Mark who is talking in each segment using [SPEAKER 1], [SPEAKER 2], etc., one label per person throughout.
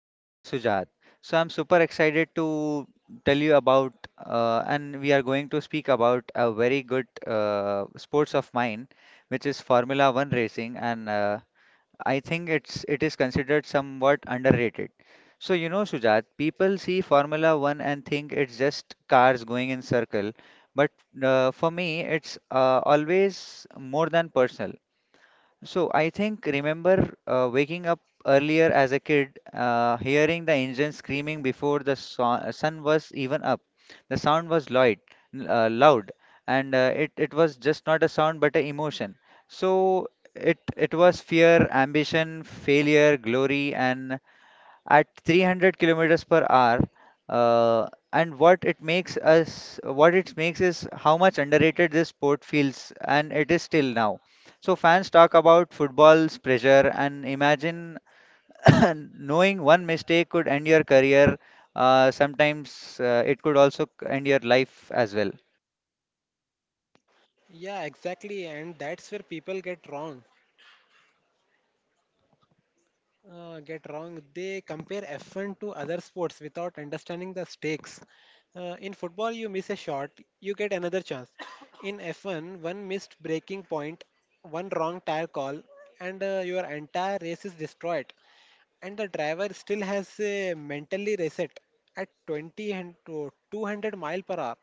[SPEAKER 1] Mr. Sujat. So I'm super excited to tell you about. And we are going to speak about a very good sports of mine, which is Formula One racing. And I think it is considered somewhat underrated. So you know, Sujat, people see Formula One and think it's just cars going in circle, but for me, it's always more than personal. So I think remember waking up earlier as a kid, hearing the engine screaming before the sun was even up. The sound was loud, uh, loud, and it was just not a sound but an emotion. So it was fear, ambition, failure, glory, and at 300 kilometers per hour and what it makes us what it makes is how much underrated this sport feels, and it is still now. So fans talk about football's pressure and imagine knowing one mistake could end your career. Sometimes it could also end your life as well.
[SPEAKER 2] Yeah, exactly, and that's where people get wrong. Get wrong. They compare F1 to other sports without understanding the stakes. In football, you miss a shot, you get another chance. In F1, one missed breaking point, one wrong tire call, and your entire race is destroyed. And the driver still has a mentally reset at 20 and to 200 mile per hour.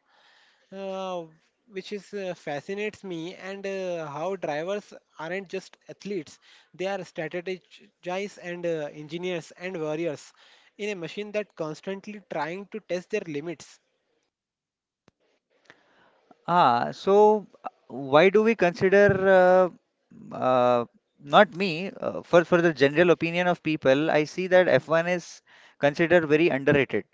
[SPEAKER 2] Uh, which is Fascinates me, and how drivers aren't just athletes, they are strategists and engineers and warriors in a machine that constantly trying to test their limits.
[SPEAKER 1] Ah, so why do we consider uh, uh, not me for the general opinion of people? I see that F1 is considered very underrated.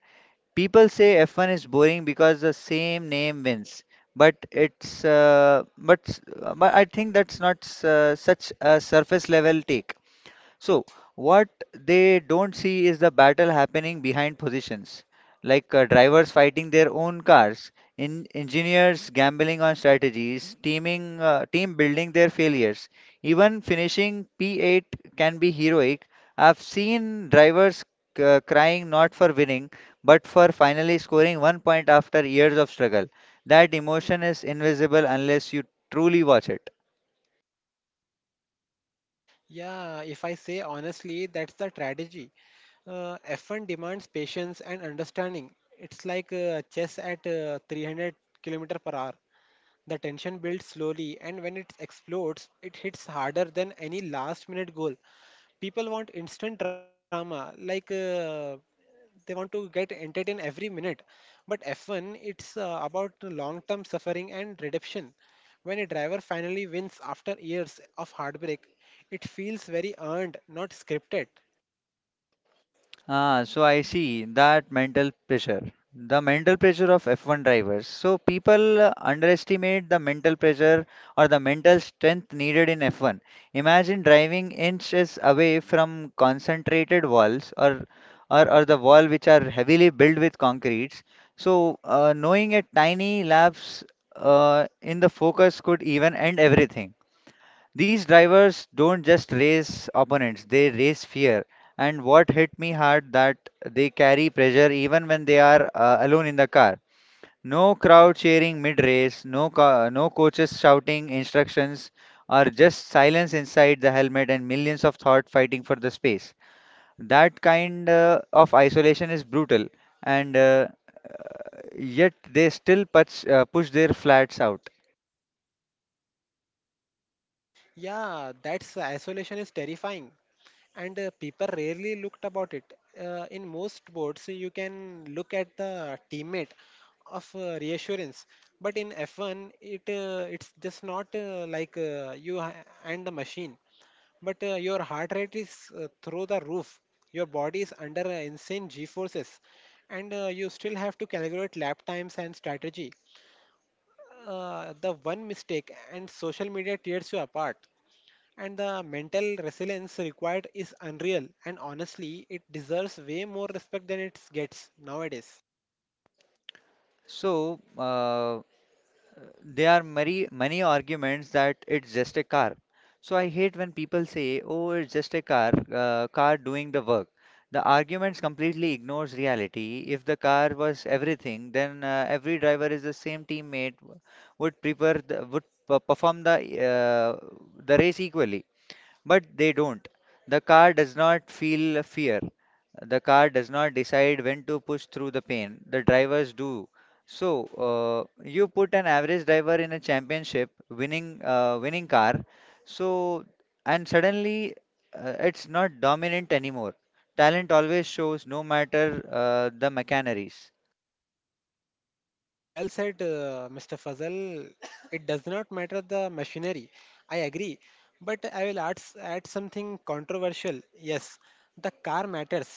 [SPEAKER 1] People say F1 is boring because the same name wins, but I think that's not such a surface level take. So, what they don't see is the battle happening behind positions, like drivers fighting their own cars, in engineers gambling on strategies, team building their failures. Even finishing P8 can be heroic. I've seen drivers crying not for winning, but for finally scoring 1 point after years of struggle. That emotion is invisible unless you truly watch it.
[SPEAKER 2] Yeah, if I say honestly, that's the strategy. F1 demands patience and understanding. It's like chess at 300 kilometer per hour. The tension builds slowly, and when it explodes, it hits harder than any last minute goal. People want instant drama, they want to get entertained every minute, but F1, it's about long term suffering and redemption. When a driver finally wins after years of heartbreak, it feels very earned, not scripted.
[SPEAKER 1] Ah, so I see that mental pressure, the mental pressure of F1 drivers. So people underestimate the mental pressure or the mental strength needed in F1. Imagine driving inches away from concentrated walls, or the wall which are heavily built with concretes. So knowing a tiny lapse in the focus could even end everything. These drivers don't just race opponents, they race fear. And what hit me hard, that they carry pressure even when they are alone in the car. No crowd cheering mid-race, no coaches shouting instructions, or just silence inside the helmet and millions of thought fighting for the space. That kind of isolation is brutal, and yet they still push their flats out.
[SPEAKER 2] Yeah, that's isolation is terrifying, and people rarely looked about it. In most sports, you can look at the teammate of reassurance, but in F1, it it's just not like you ha- and the machine, but your heart rate is through the roof. Your body is under insane G forces, and you still have to calculate lap times and strategy. The one mistake, and social media tears you apart, and the mental resilience required is unreal. And honestly, it deserves way more respect than it gets nowadays.
[SPEAKER 1] So, there are many arguments that it's just a car. So I hate when people say, "Oh, it's just a car, car doing the work." The arguments completely ignores reality. If the car was everything, then every driver is the same teammate would prepare the, perform uh, the race equally. But they don't. The car does not feel fear. The car does not decide when to push through the pain. The drivers do. So, you put an average driver in a championship winning car. So, and suddenly it's not dominant anymore. Talent always shows, no matter the machinaries.
[SPEAKER 2] Well said, Mr. Fazal. It does not matter the machinery, I agree. But I will add something controversial. Yes, the car matters,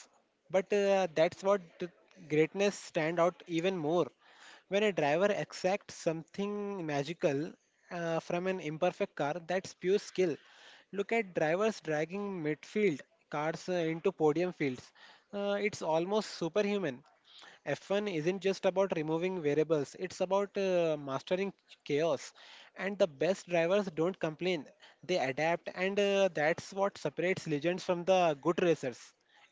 [SPEAKER 2] but that's what the greatness stand out even more. When a driver exacts something magical from an imperfect car, that's pure skill. Look at drivers dragging midfield cars into podium fields. It's almost superhuman. F1 isn't just about removing variables, it's about mastering chaos. And the best drivers don't complain, they adapt, and that's what separates legends from the good racers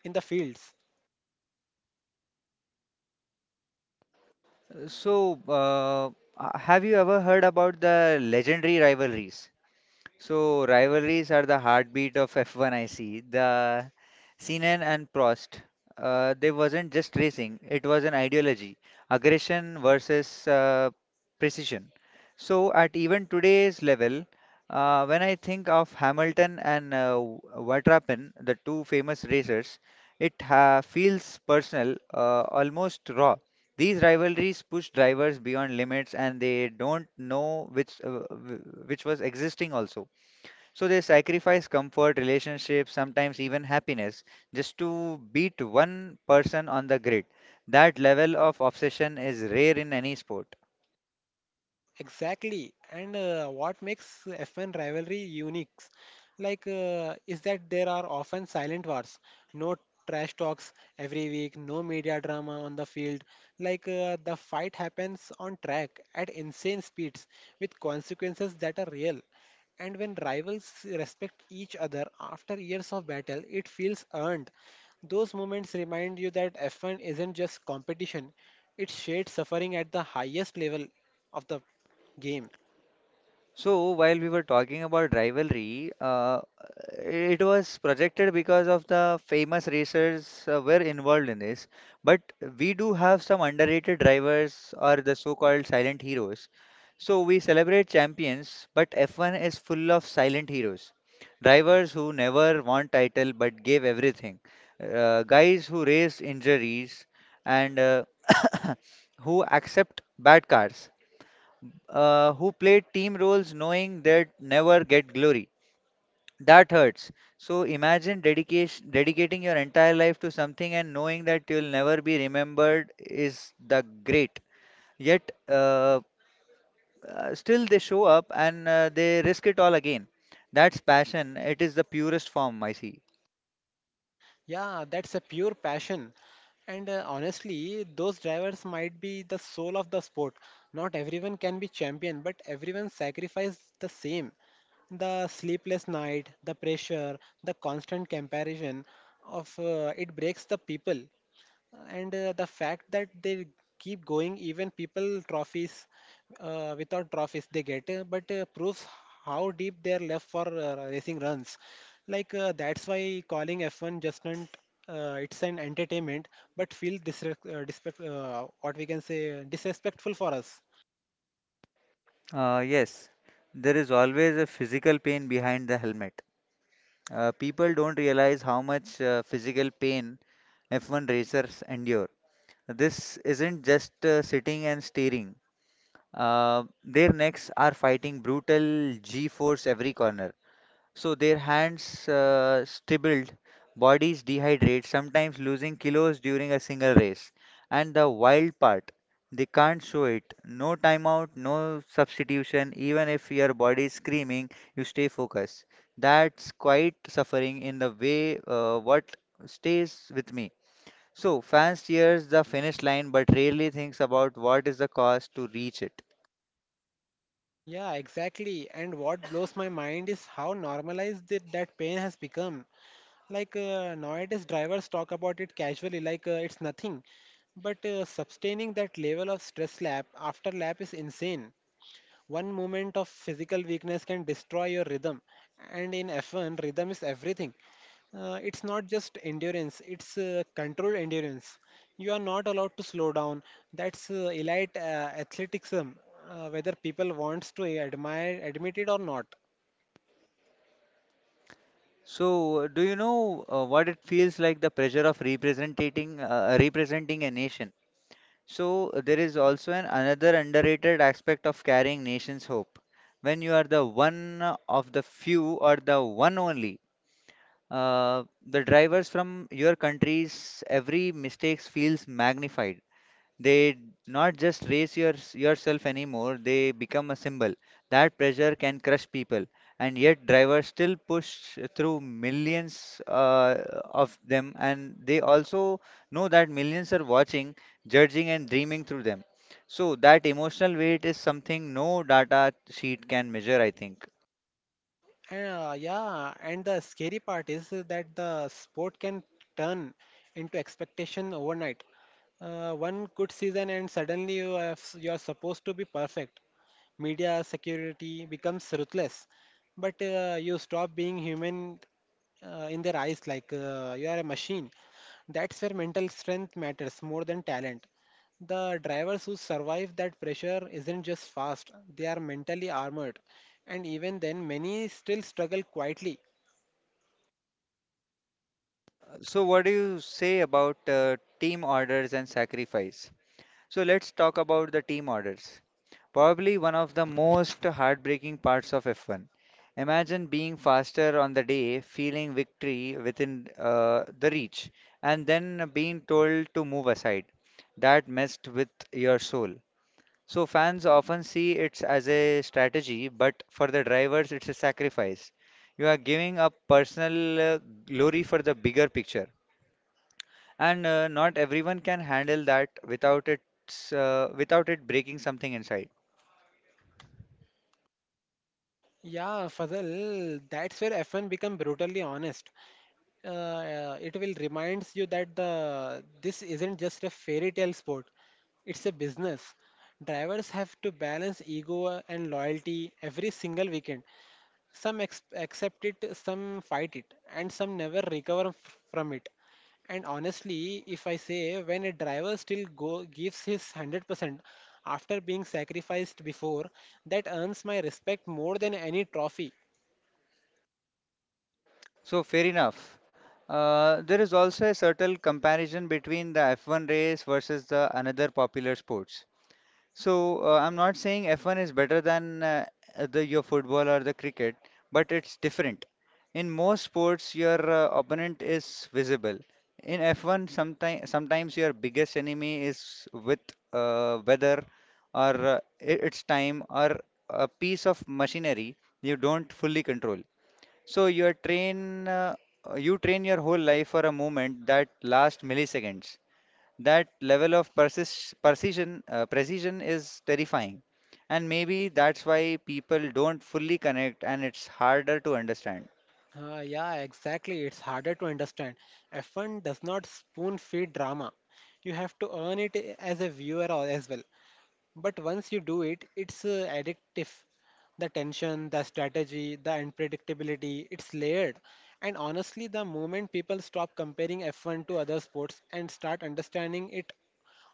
[SPEAKER 2] in the fields.
[SPEAKER 1] So, uh, have you ever heard about the legendary rivalries? So rivalries are the heartbeat of F1, I see. The Senna and Prost, they wasn't just racing; it was an ideology, aggression versus precision. So at even today's level, when I think of Hamilton and Verstappen, the two famous racers, it feels personal, almost raw. These rivalries push drivers beyond limits, and they don't know which which was existing also. So they sacrifice comfort, relationships, sometimes even happiness, just to beat one person on the grid. That level of obsession is rare in any sport.
[SPEAKER 2] Exactly. And what makes F1 rivalry unique, is that there are often silent wars, no trash talks every week, no media drama on the field. The fight happens on track at insane speeds with consequences that are real. And when rivals respect each other after years of battle, it feels earned. Those moments remind you that F1 isn't just competition, it's shared suffering at the highest level of the game.
[SPEAKER 1] So while we were talking about rivalry, it was projected because of the famous racers were involved in this. But we do have some underrated drivers, or the so-called silent heroes. So we celebrate champions, but F1 is full of silent heroes. Drivers who never won title but gave everything. Guys who race injuries and who accept bad cars who played team roles knowing they'd never get glory. That hurts. So imagine dedication, dedicating your entire life to something and knowing that you'll never be remembered is the great. Yet, still they show up and they risk it all again. That's passion. It is the purest form, I see.
[SPEAKER 2] Yeah, that's a pure passion. And honestly, those drivers might be the soul of the sport. Not everyone can be champion, but everyone sacrifices the same. The sleepless night, the pressure, the constant comparison of it breaks the people. And the fact that they keep going even people trophies, without trophies they get, but proves how deep they are left for racing runs. That's why calling F1 just not it's an entertainment but feel disrespect, what we can say, disrespectful for us.
[SPEAKER 1] Yes, there is always a physical pain behind the helmet. People don't realize how much physical pain F1 racers endure. This isn't just sitting and staring. Their necks are fighting brutal G-force every corner. So their hands stribbled, bodies dehydrate, sometimes losing kilos during a single race. And the wild part, they can't show it. No timeout, no substitution. Even if your body is screaming, you stay focused. That's quite suffering in the way what stays with me. So, fans cheers the finish line but rarely thinks about what is the cost to reach it.
[SPEAKER 2] Yeah, exactly. And what blows my mind is how normalized that pain has become. Nowadays, drivers talk about it casually, it's nothing. But sustaining that level of stress lap after lap is insane. One moment of physical weakness can destroy your rhythm. And in F1, rhythm is everything. It's not just endurance, it's controlled endurance. You are not allowed to slow down. That's elite athleticism, whether people wants to admire admit it or not.
[SPEAKER 1] So, do you know what it feels like the pressure of representing a nation? So, there is also an another underrated aspect of carrying nation's hope. When you are the one of the few or the one only, the drivers from your countries, every mistakes feels magnified. They not just raise your, yourself anymore, they become a symbol. That pressure can crush people, and yet drivers still push through millions of them, and they also know that millions are watching, judging and dreaming through them. So that emotional weight is something no data sheet can measure, I think.
[SPEAKER 2] Yeah, and the scary part is that the sport can turn into expectation overnight. One good season, and you are supposed to be perfect. Media security becomes ruthless, but you stop being human in their eyes, you are a machine. That's where mental strength matters more than talent. The drivers who survive that pressure isn't just fast, they are mentally armored. And even then, many still struggle quietly.
[SPEAKER 1] So what do you say about team orders and sacrifice? So let's talk about the team orders. Probably one of the most heartbreaking parts of F1. Imagine being faster on the day, feeling victory within the reach, and then being told to move aside. That messed with your soul. So fans often see it as a strategy, but for the drivers, it's a sacrifice. You are giving up personal glory for the bigger picture, and not everyone can handle that without it, without it breaking something inside.
[SPEAKER 2] Yeah, Fazal, that's where F1 become brutally honest. It will reminds you that the this isn't just a fairy tale sport; it's a business. Drivers have to balance ego and loyalty every single weekend. Some accept it, some fight it, and some never recover from it. And honestly, if I say when a driver still go gives his 100% after being sacrificed before, that earns my respect more than any trophy.
[SPEAKER 1] So fair enough. There is also a certain comparison between the F1 race versus the another popular sports. So I'm not saying F1 is better than the your football or the cricket, but it's different. In most sports, your opponent is visible. In F1, sometimes your biggest enemy is with weather or its time or a piece of machinery you don't fully control. So you train your whole life for a moment that last milliseconds. That level of persis precision, precision is terrifying, and maybe that's why people don't fully connect, and it's harder to understand.
[SPEAKER 2] Yeah, exactly. It's harder to understand. F1 does not spoon feed drama. You have to earn it as a viewer or as well. But once you do it, it's addictive. The tension, the strategy, the unpredictability, it's layered. And honestly, the moment people stop comparing F1 to other sports and start understanding it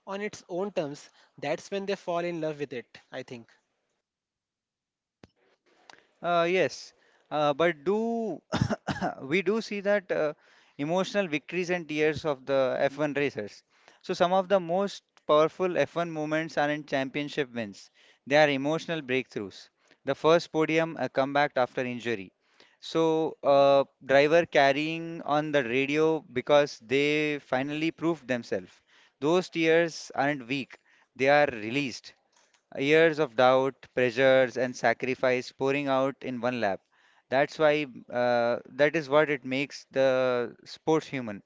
[SPEAKER 2] on its own terms, that's when they fall in love with it, I think.
[SPEAKER 1] Yes, but do we do see that emotional victories and tears of the F1 racers. So some of the most powerful F1 moments are in championship wins. They are emotional breakthroughs. The first podium, a comeback after injury. So driver carrying on the radio because they finally proved themselves. Those tears aren't weak. They are released. Years of doubt, pressures, and sacrifice pouring out in one lap. That's why, that is what it makes the sports human.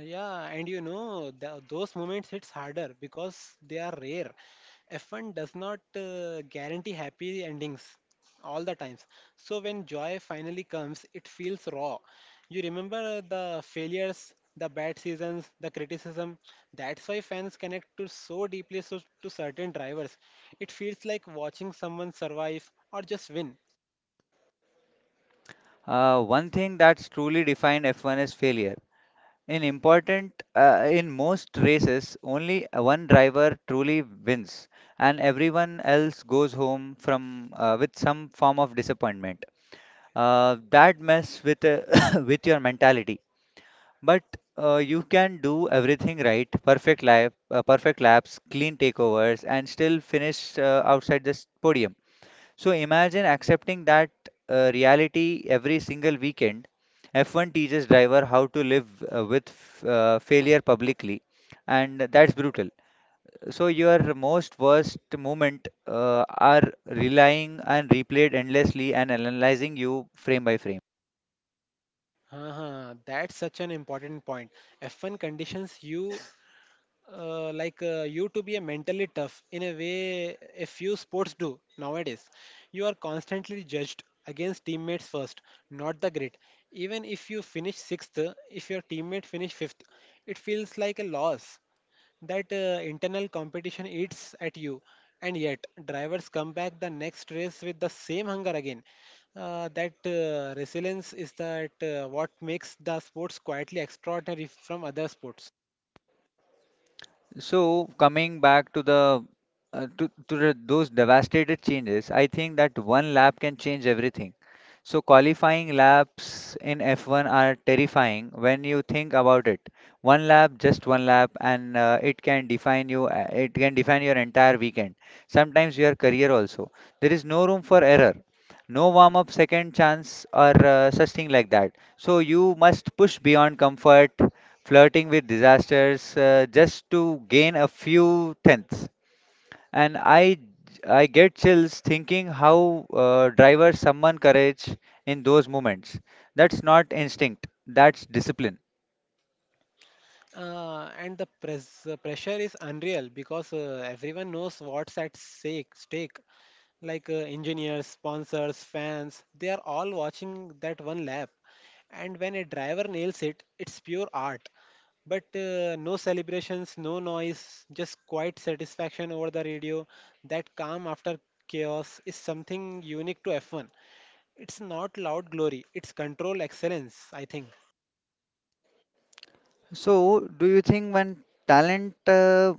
[SPEAKER 2] Yeah, and you know, th those moments hits harder because they are rare. F1 does not guarantee happy endings all the times. So when joy finally comes, it feels raw. You remember the failures, the bad seasons, the criticism. That's why fans connect to so deeply so, to certain drivers. It feels like watching someone survive or just win.
[SPEAKER 1] One thing that's truly defined F1 is failure. In most races, only one driver truly wins, and everyone else goes home from with some form of disappointment. That mess with with your mentality. But you can do everything right, perfect lap, perfect laps, clean takeovers, and still finish outside this podium. So imagine accepting that reality every single weekend. F1 teaches driver how to live with failure publicly, and that's brutal. So your most worst moment are relying and replayed endlessly and analyzing you frame by frame.
[SPEAKER 2] Uh-huh. That's such an important point. F1 conditions you to be a mentally tough in a way a few sports do nowadays. You are constantly judged against teammates first, not the grit. Even if you finish sixth, if your teammate finish fifth, it feels like a loss. That internal competition eats at you, and yet drivers come back the next race with the same hunger again. That Resilience is that what makes the sports quietly extraordinary from other sports.
[SPEAKER 1] So coming back to the those devastated changes, I think that one lap can change everything. So qualifying laps in F1 are terrifying when you think about it. One lap, just one lap, and it can define you. It can define your entire weekend. Sometimes your career also. There is no room for error. No warm up, second chance, or such thing like that. So you must push beyond comfort, flirting with disasters just to gain a few tenths. And I get chills thinking how drivers summon courage in those moments. That's not instinct, that's discipline.
[SPEAKER 2] Pressure is unreal because everyone knows what's at stake. Engineers, sponsors, fans, they are all watching that one lap. And when a driver nails it, it's pure art. But no celebrations, no noise, just quiet satisfaction over the radio. That calm after chaos is something unique to F1. It's not loud glory, it's control excellence, I think.
[SPEAKER 1] So, do you think when talent uh,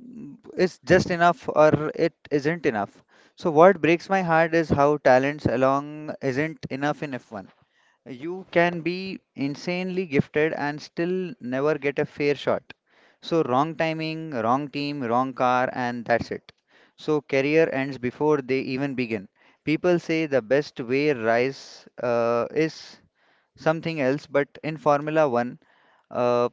[SPEAKER 1] is just enough or it isn't enough? So, what breaks my heart is how talents along isn't enough in F1. You can be insanely gifted and still never get a fair shot. So, wrong timing, wrong team, wrong car, and that's it. So, career ends before they even begin. People say the best way rise is something else, but in Formula One, uh,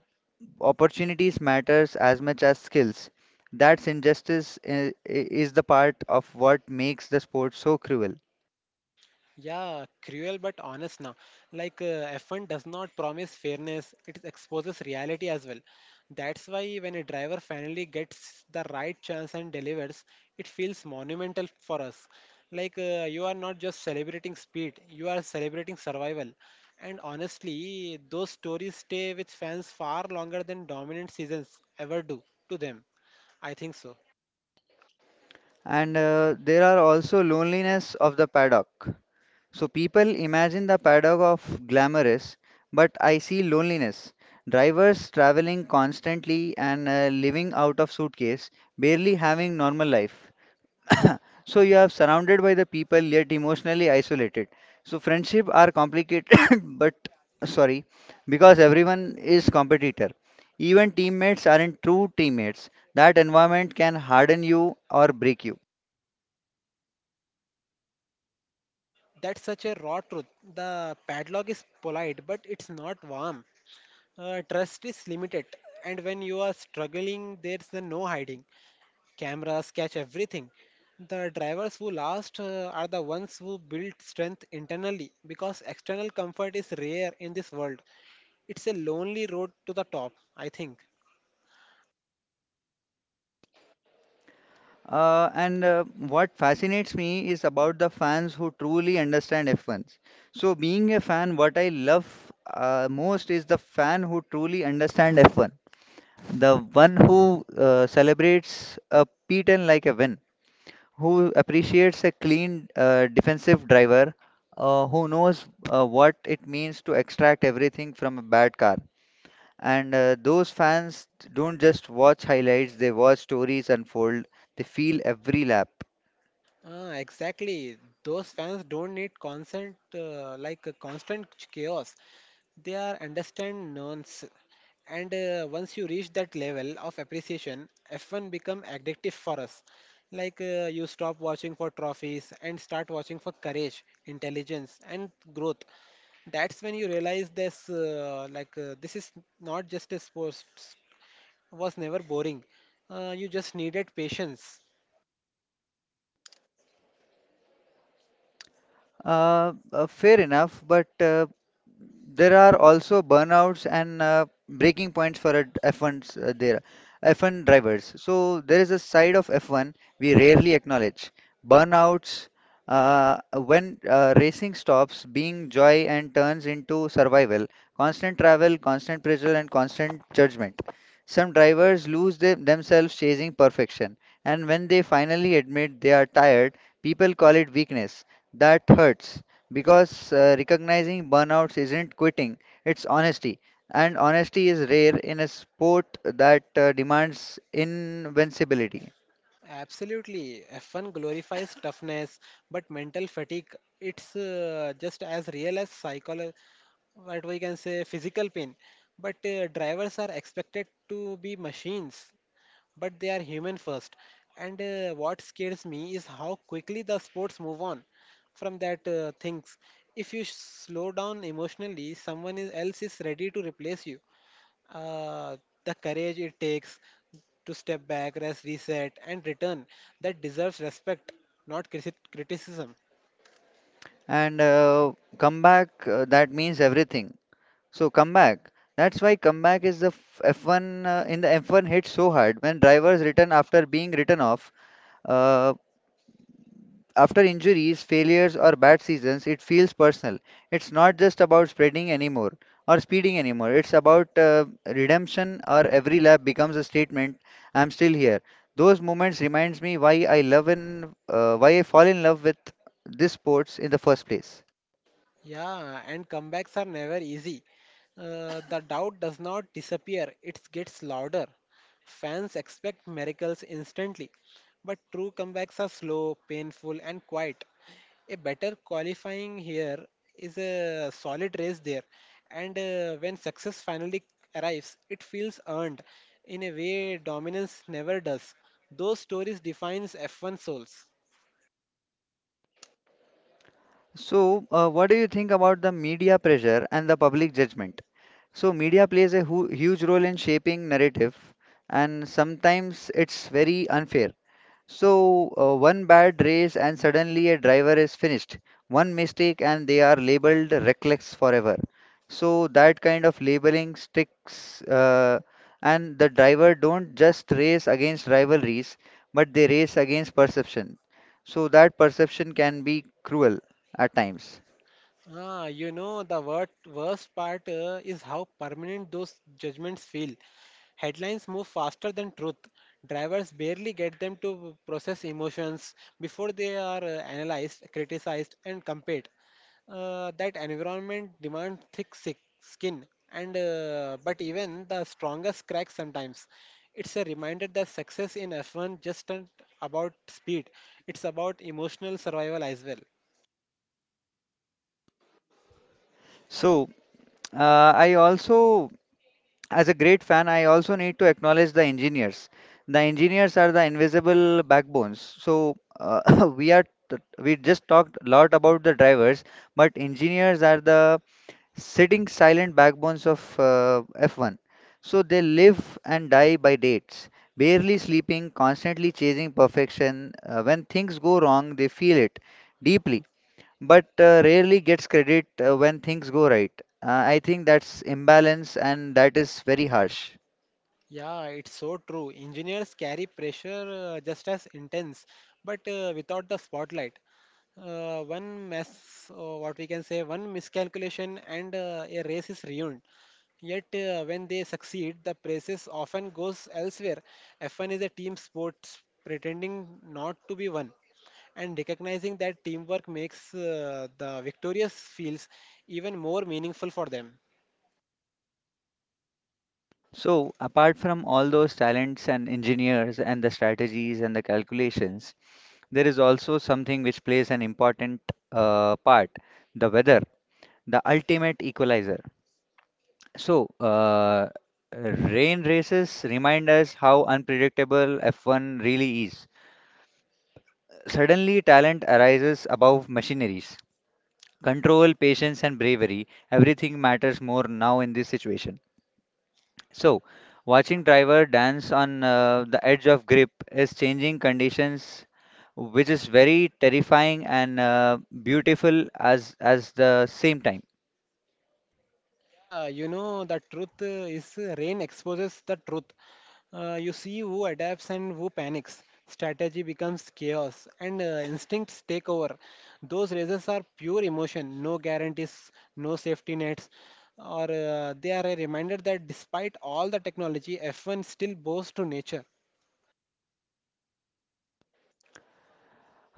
[SPEAKER 1] opportunities matters as much as skills. That's injustice is the part of what makes the sport so cruel.
[SPEAKER 2] Yeah, cruel but honest now. F1 does not promise fairness, it exposes reality as well. That's why when a driver finally gets the right chance and delivers, it feels monumental for us. You are not just celebrating speed, you are celebrating survival. And honestly, those stories stay with fans far longer than dominant seasons ever do to them. I think so.
[SPEAKER 1] And There are also loneliness of the paddock. So people imagine the paradox of glamorous, but I see loneliness. Drivers traveling constantly and living out of suitcase, barely having normal life. So you are surrounded by the people yet emotionally isolated. So friendship are complicated, but sorry, because everyone is competitor. Even teammates aren't true teammates. That environment can harden you or break you.
[SPEAKER 2] That's such a raw truth. The padlock is polite, but it's not warm. Trust is limited, and when you are struggling, there's the no hiding. Cameras catch everything. The drivers who last are the ones who build strength internally because external comfort is rare in this world. It's a lonely road to the top, I think.
[SPEAKER 1] And What fascinates me is about the fans who truly understand F1s. So, being a fan, what I love most is the fan who truly understand F1, the one who celebrates a P10 like a win, who appreciates a clean defensive driver, who knows what it means to extract everything from a bad car. And Those fans don't just watch highlights, they watch stories unfold, they feel every lap.
[SPEAKER 2] Ah, exactly. Those fans don't need constant, like a constant chaos. They are understand nuance, and once you reach that level of appreciation, F1 become addictive for us. You stop watching for trophies and start watching for courage, intelligence, and growth. That's when you realize this is not just a sports, was never boring. You just needed patience.
[SPEAKER 1] Fair enough, but there are also burnouts and breaking points for a d- F1's uh, there F1 drivers. So there is a side of F1 we rarely acknowledge. Burnouts when racing stops being joy and turns into survival, constant travel, constant pressure, and constant judgment. Some drivers lose them themselves chasing perfection, and when they finally admit they are tired, people call it weakness. That hurts because recognizing burnouts isn't quitting, it's honesty. And honesty is rare in a sport that demands invincibility.
[SPEAKER 2] Absolutely. F1 glorifies toughness, but mental fatigue, it's just as real as psychological, what we can say, physical pain. But drivers are expected to be machines, but they are human first. And what scares me is how quickly the sports move on from that things. If you slow down emotionally, else is ready to replace you. uh, the courage it takes to step back, rest, reset, and return, that deserves respect, not criticism.
[SPEAKER 1] That means everything. So, comeback. That's why comeback is the f- F1 in the F1 hit so hard when drivers return after being written off. Uh, After injuries, failures, or bad seasons, it feels personal. It's not just about spreading anymore or speeding anymore. It's about redemption, or every lap becomes a statement. I'm still here. Those moments reminds me why I love and why I fall in love with this sports in the first place.
[SPEAKER 2] Yeah, and comebacks are never easy. The doubt does not disappear, it gets louder. Fans expect miracles instantly, but true comebacks are slow, painful, and quiet. A better qualifying here, is a solid race there, and when success finally arrives, it feels earned in a way dominance never does. Those stories defines F1 souls.
[SPEAKER 1] So, what do you think about the media pressure and the public judgment? So, media plays a hu huge role in shaping narrative, and sometimes it's very unfair. So, one bad race and suddenly a driver is finished. One mistake and they are labeled reckless forever. So that kind of labeling sticks, and the driver don't just race against rivalries, but they race against perception. So that perception can be cruel at times.
[SPEAKER 2] Ah, you know, the worst part is how permanent those judgments feel. Headlines move faster than truth. Drivers barely get them to process emotions before they are analyzed, criticized, and compared. That environment demands thick sick skin, and but even the strongest cracks sometimes. It's a reminder that success in F1 just isn't about speed; it's about emotional survival as well.
[SPEAKER 1] So I also as a great fan, I also need to acknowledge the engineers. The engineers are the invisible backbones. So we just talked a lot about the drivers, but engineers are the sitting silent backbones of F1. So they live and die by dates, barely sleeping, constantly chasing perfection. When things go wrong, they feel it deeply but rarely gets credit when things go right. I think that's imbalance and that is very harsh.
[SPEAKER 2] Yeah, it's so true. Engineers carry pressure just as intense, but without the spotlight. One mess, what we can say, one miscalculation, and a race is ruined. Yet, when they succeed, the praises often goes elsewhere. F1 is a team sport pretending not to be one, and recognizing that teamwork makes the victorious feels even more meaningful for them.
[SPEAKER 1] So, apart from all those talents and engineers and the strategies and the calculations, there is also something which plays an important part, the weather, the ultimate equalizer. So, rain races remind us how unpredictable F1 really is. Suddenly, talent arises above machineries. Control, patience, and bravery. Everything matters more now in this situation. So, watching driver dance on the edge of grip is changing conditions, which is very terrifying and beautiful as the same time.
[SPEAKER 2] Yeah, you know, the truth is rain exposes the truth. You see who adapts and who panics. Strategy becomes chaos and instincts take over. Those races are pure emotion, no guarantees, no safety nets, or they are a reminder that despite all the technology, F1 still bows to nature.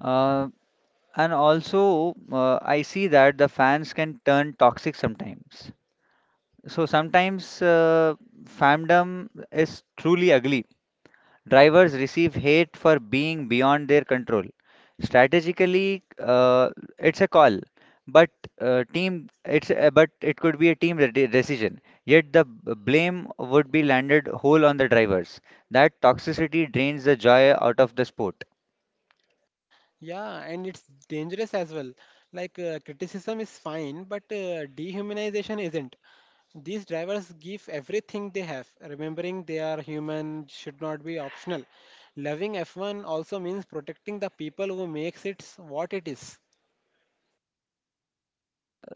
[SPEAKER 1] Uh, I see that the fans can turn toxic sometimes. So sometimes fandom is truly ugly. Drivers receive hate for being beyond their control. Strategically, it's a call, but but it could be a team decision. Yet the blame would be landed whole on the drivers. That toxicity drains the joy out of the sport.
[SPEAKER 2] Yeah, and it's dangerous as well. Criticism is fine, but dehumanization isn't. These drivers give everything they have. Remembering they are human should not be optional. Loving F1 also means protecting the people who makes it what it is.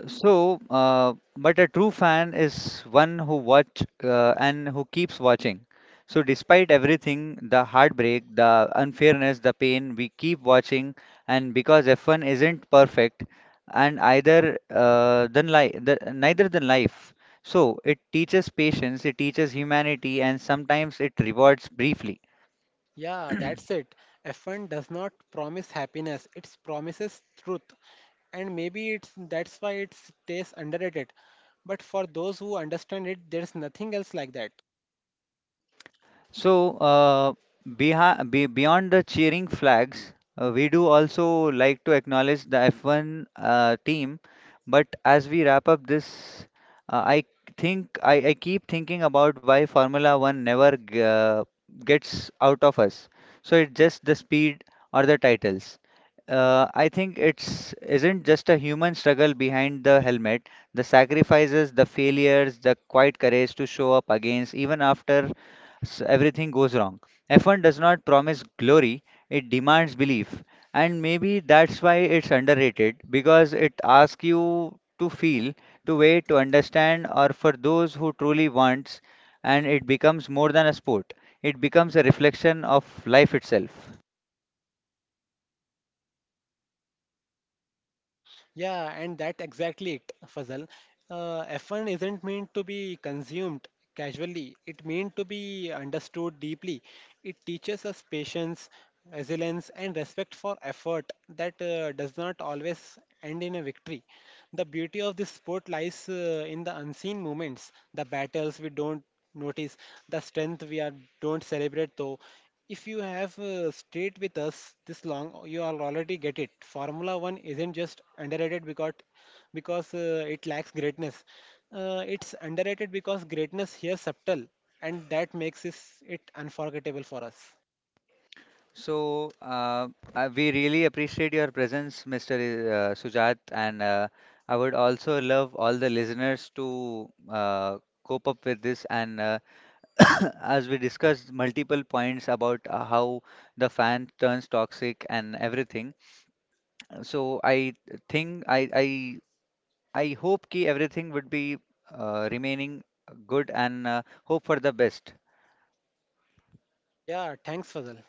[SPEAKER 1] So, but a true fan is one who watch and who keeps watching. So, despite everything, the heartbreak, the unfairness, the pain, we keep watching. And because F1 isn't perfect, and either than neither than life. So, it teaches patience, it teaches humanity, and sometimes it rewards briefly.
[SPEAKER 2] Yeah, that's it. F1 does not promise happiness, it promises truth. And maybe it's that's why it stays underrated. But for those who understand it, there's nothing else like that.
[SPEAKER 1] So, beyond the cheering flags, we do also like to acknowledge the F1 team. But as we wrap up this, I think I keep thinking about why Formula One never gets out of us. So it's just the speed or the titles. I think it's isn't just a human struggle behind the helmet, the sacrifices, the failures, the quiet courage to show up against even after everything goes wrong. F1 does not promise glory, it demands belief. And maybe that's why it's underrated because it asks you to feel, to wait, to understand, or for those who truly wants, and it becomes more than a sport. It becomes a reflection of life itself.
[SPEAKER 2] Yeah, and that exactly it, Fazal. F1 isn't meant to be consumed casually. It meant to be understood deeply. It teaches us patience, resilience, and respect for effort that does not always end in a victory. The beauty of this sport lies in the unseen moments, the battles we don't notice, the strength we are don't celebrate though. If you have stayed with us this long, you all already get it. Formula One isn't just underrated because it lacks greatness. It's underrated because greatness here subtle, and that makes it unforgettable for us.
[SPEAKER 1] So uh, we really appreciate your presence, Mr. Sujat, and I would also love all the listeners to cope up with this and as we discussed multiple points about how the fan turns toxic and everything. So I I hope ki everything would be remaining good and hope for the best.
[SPEAKER 2] Yeah, thanks, Fazal.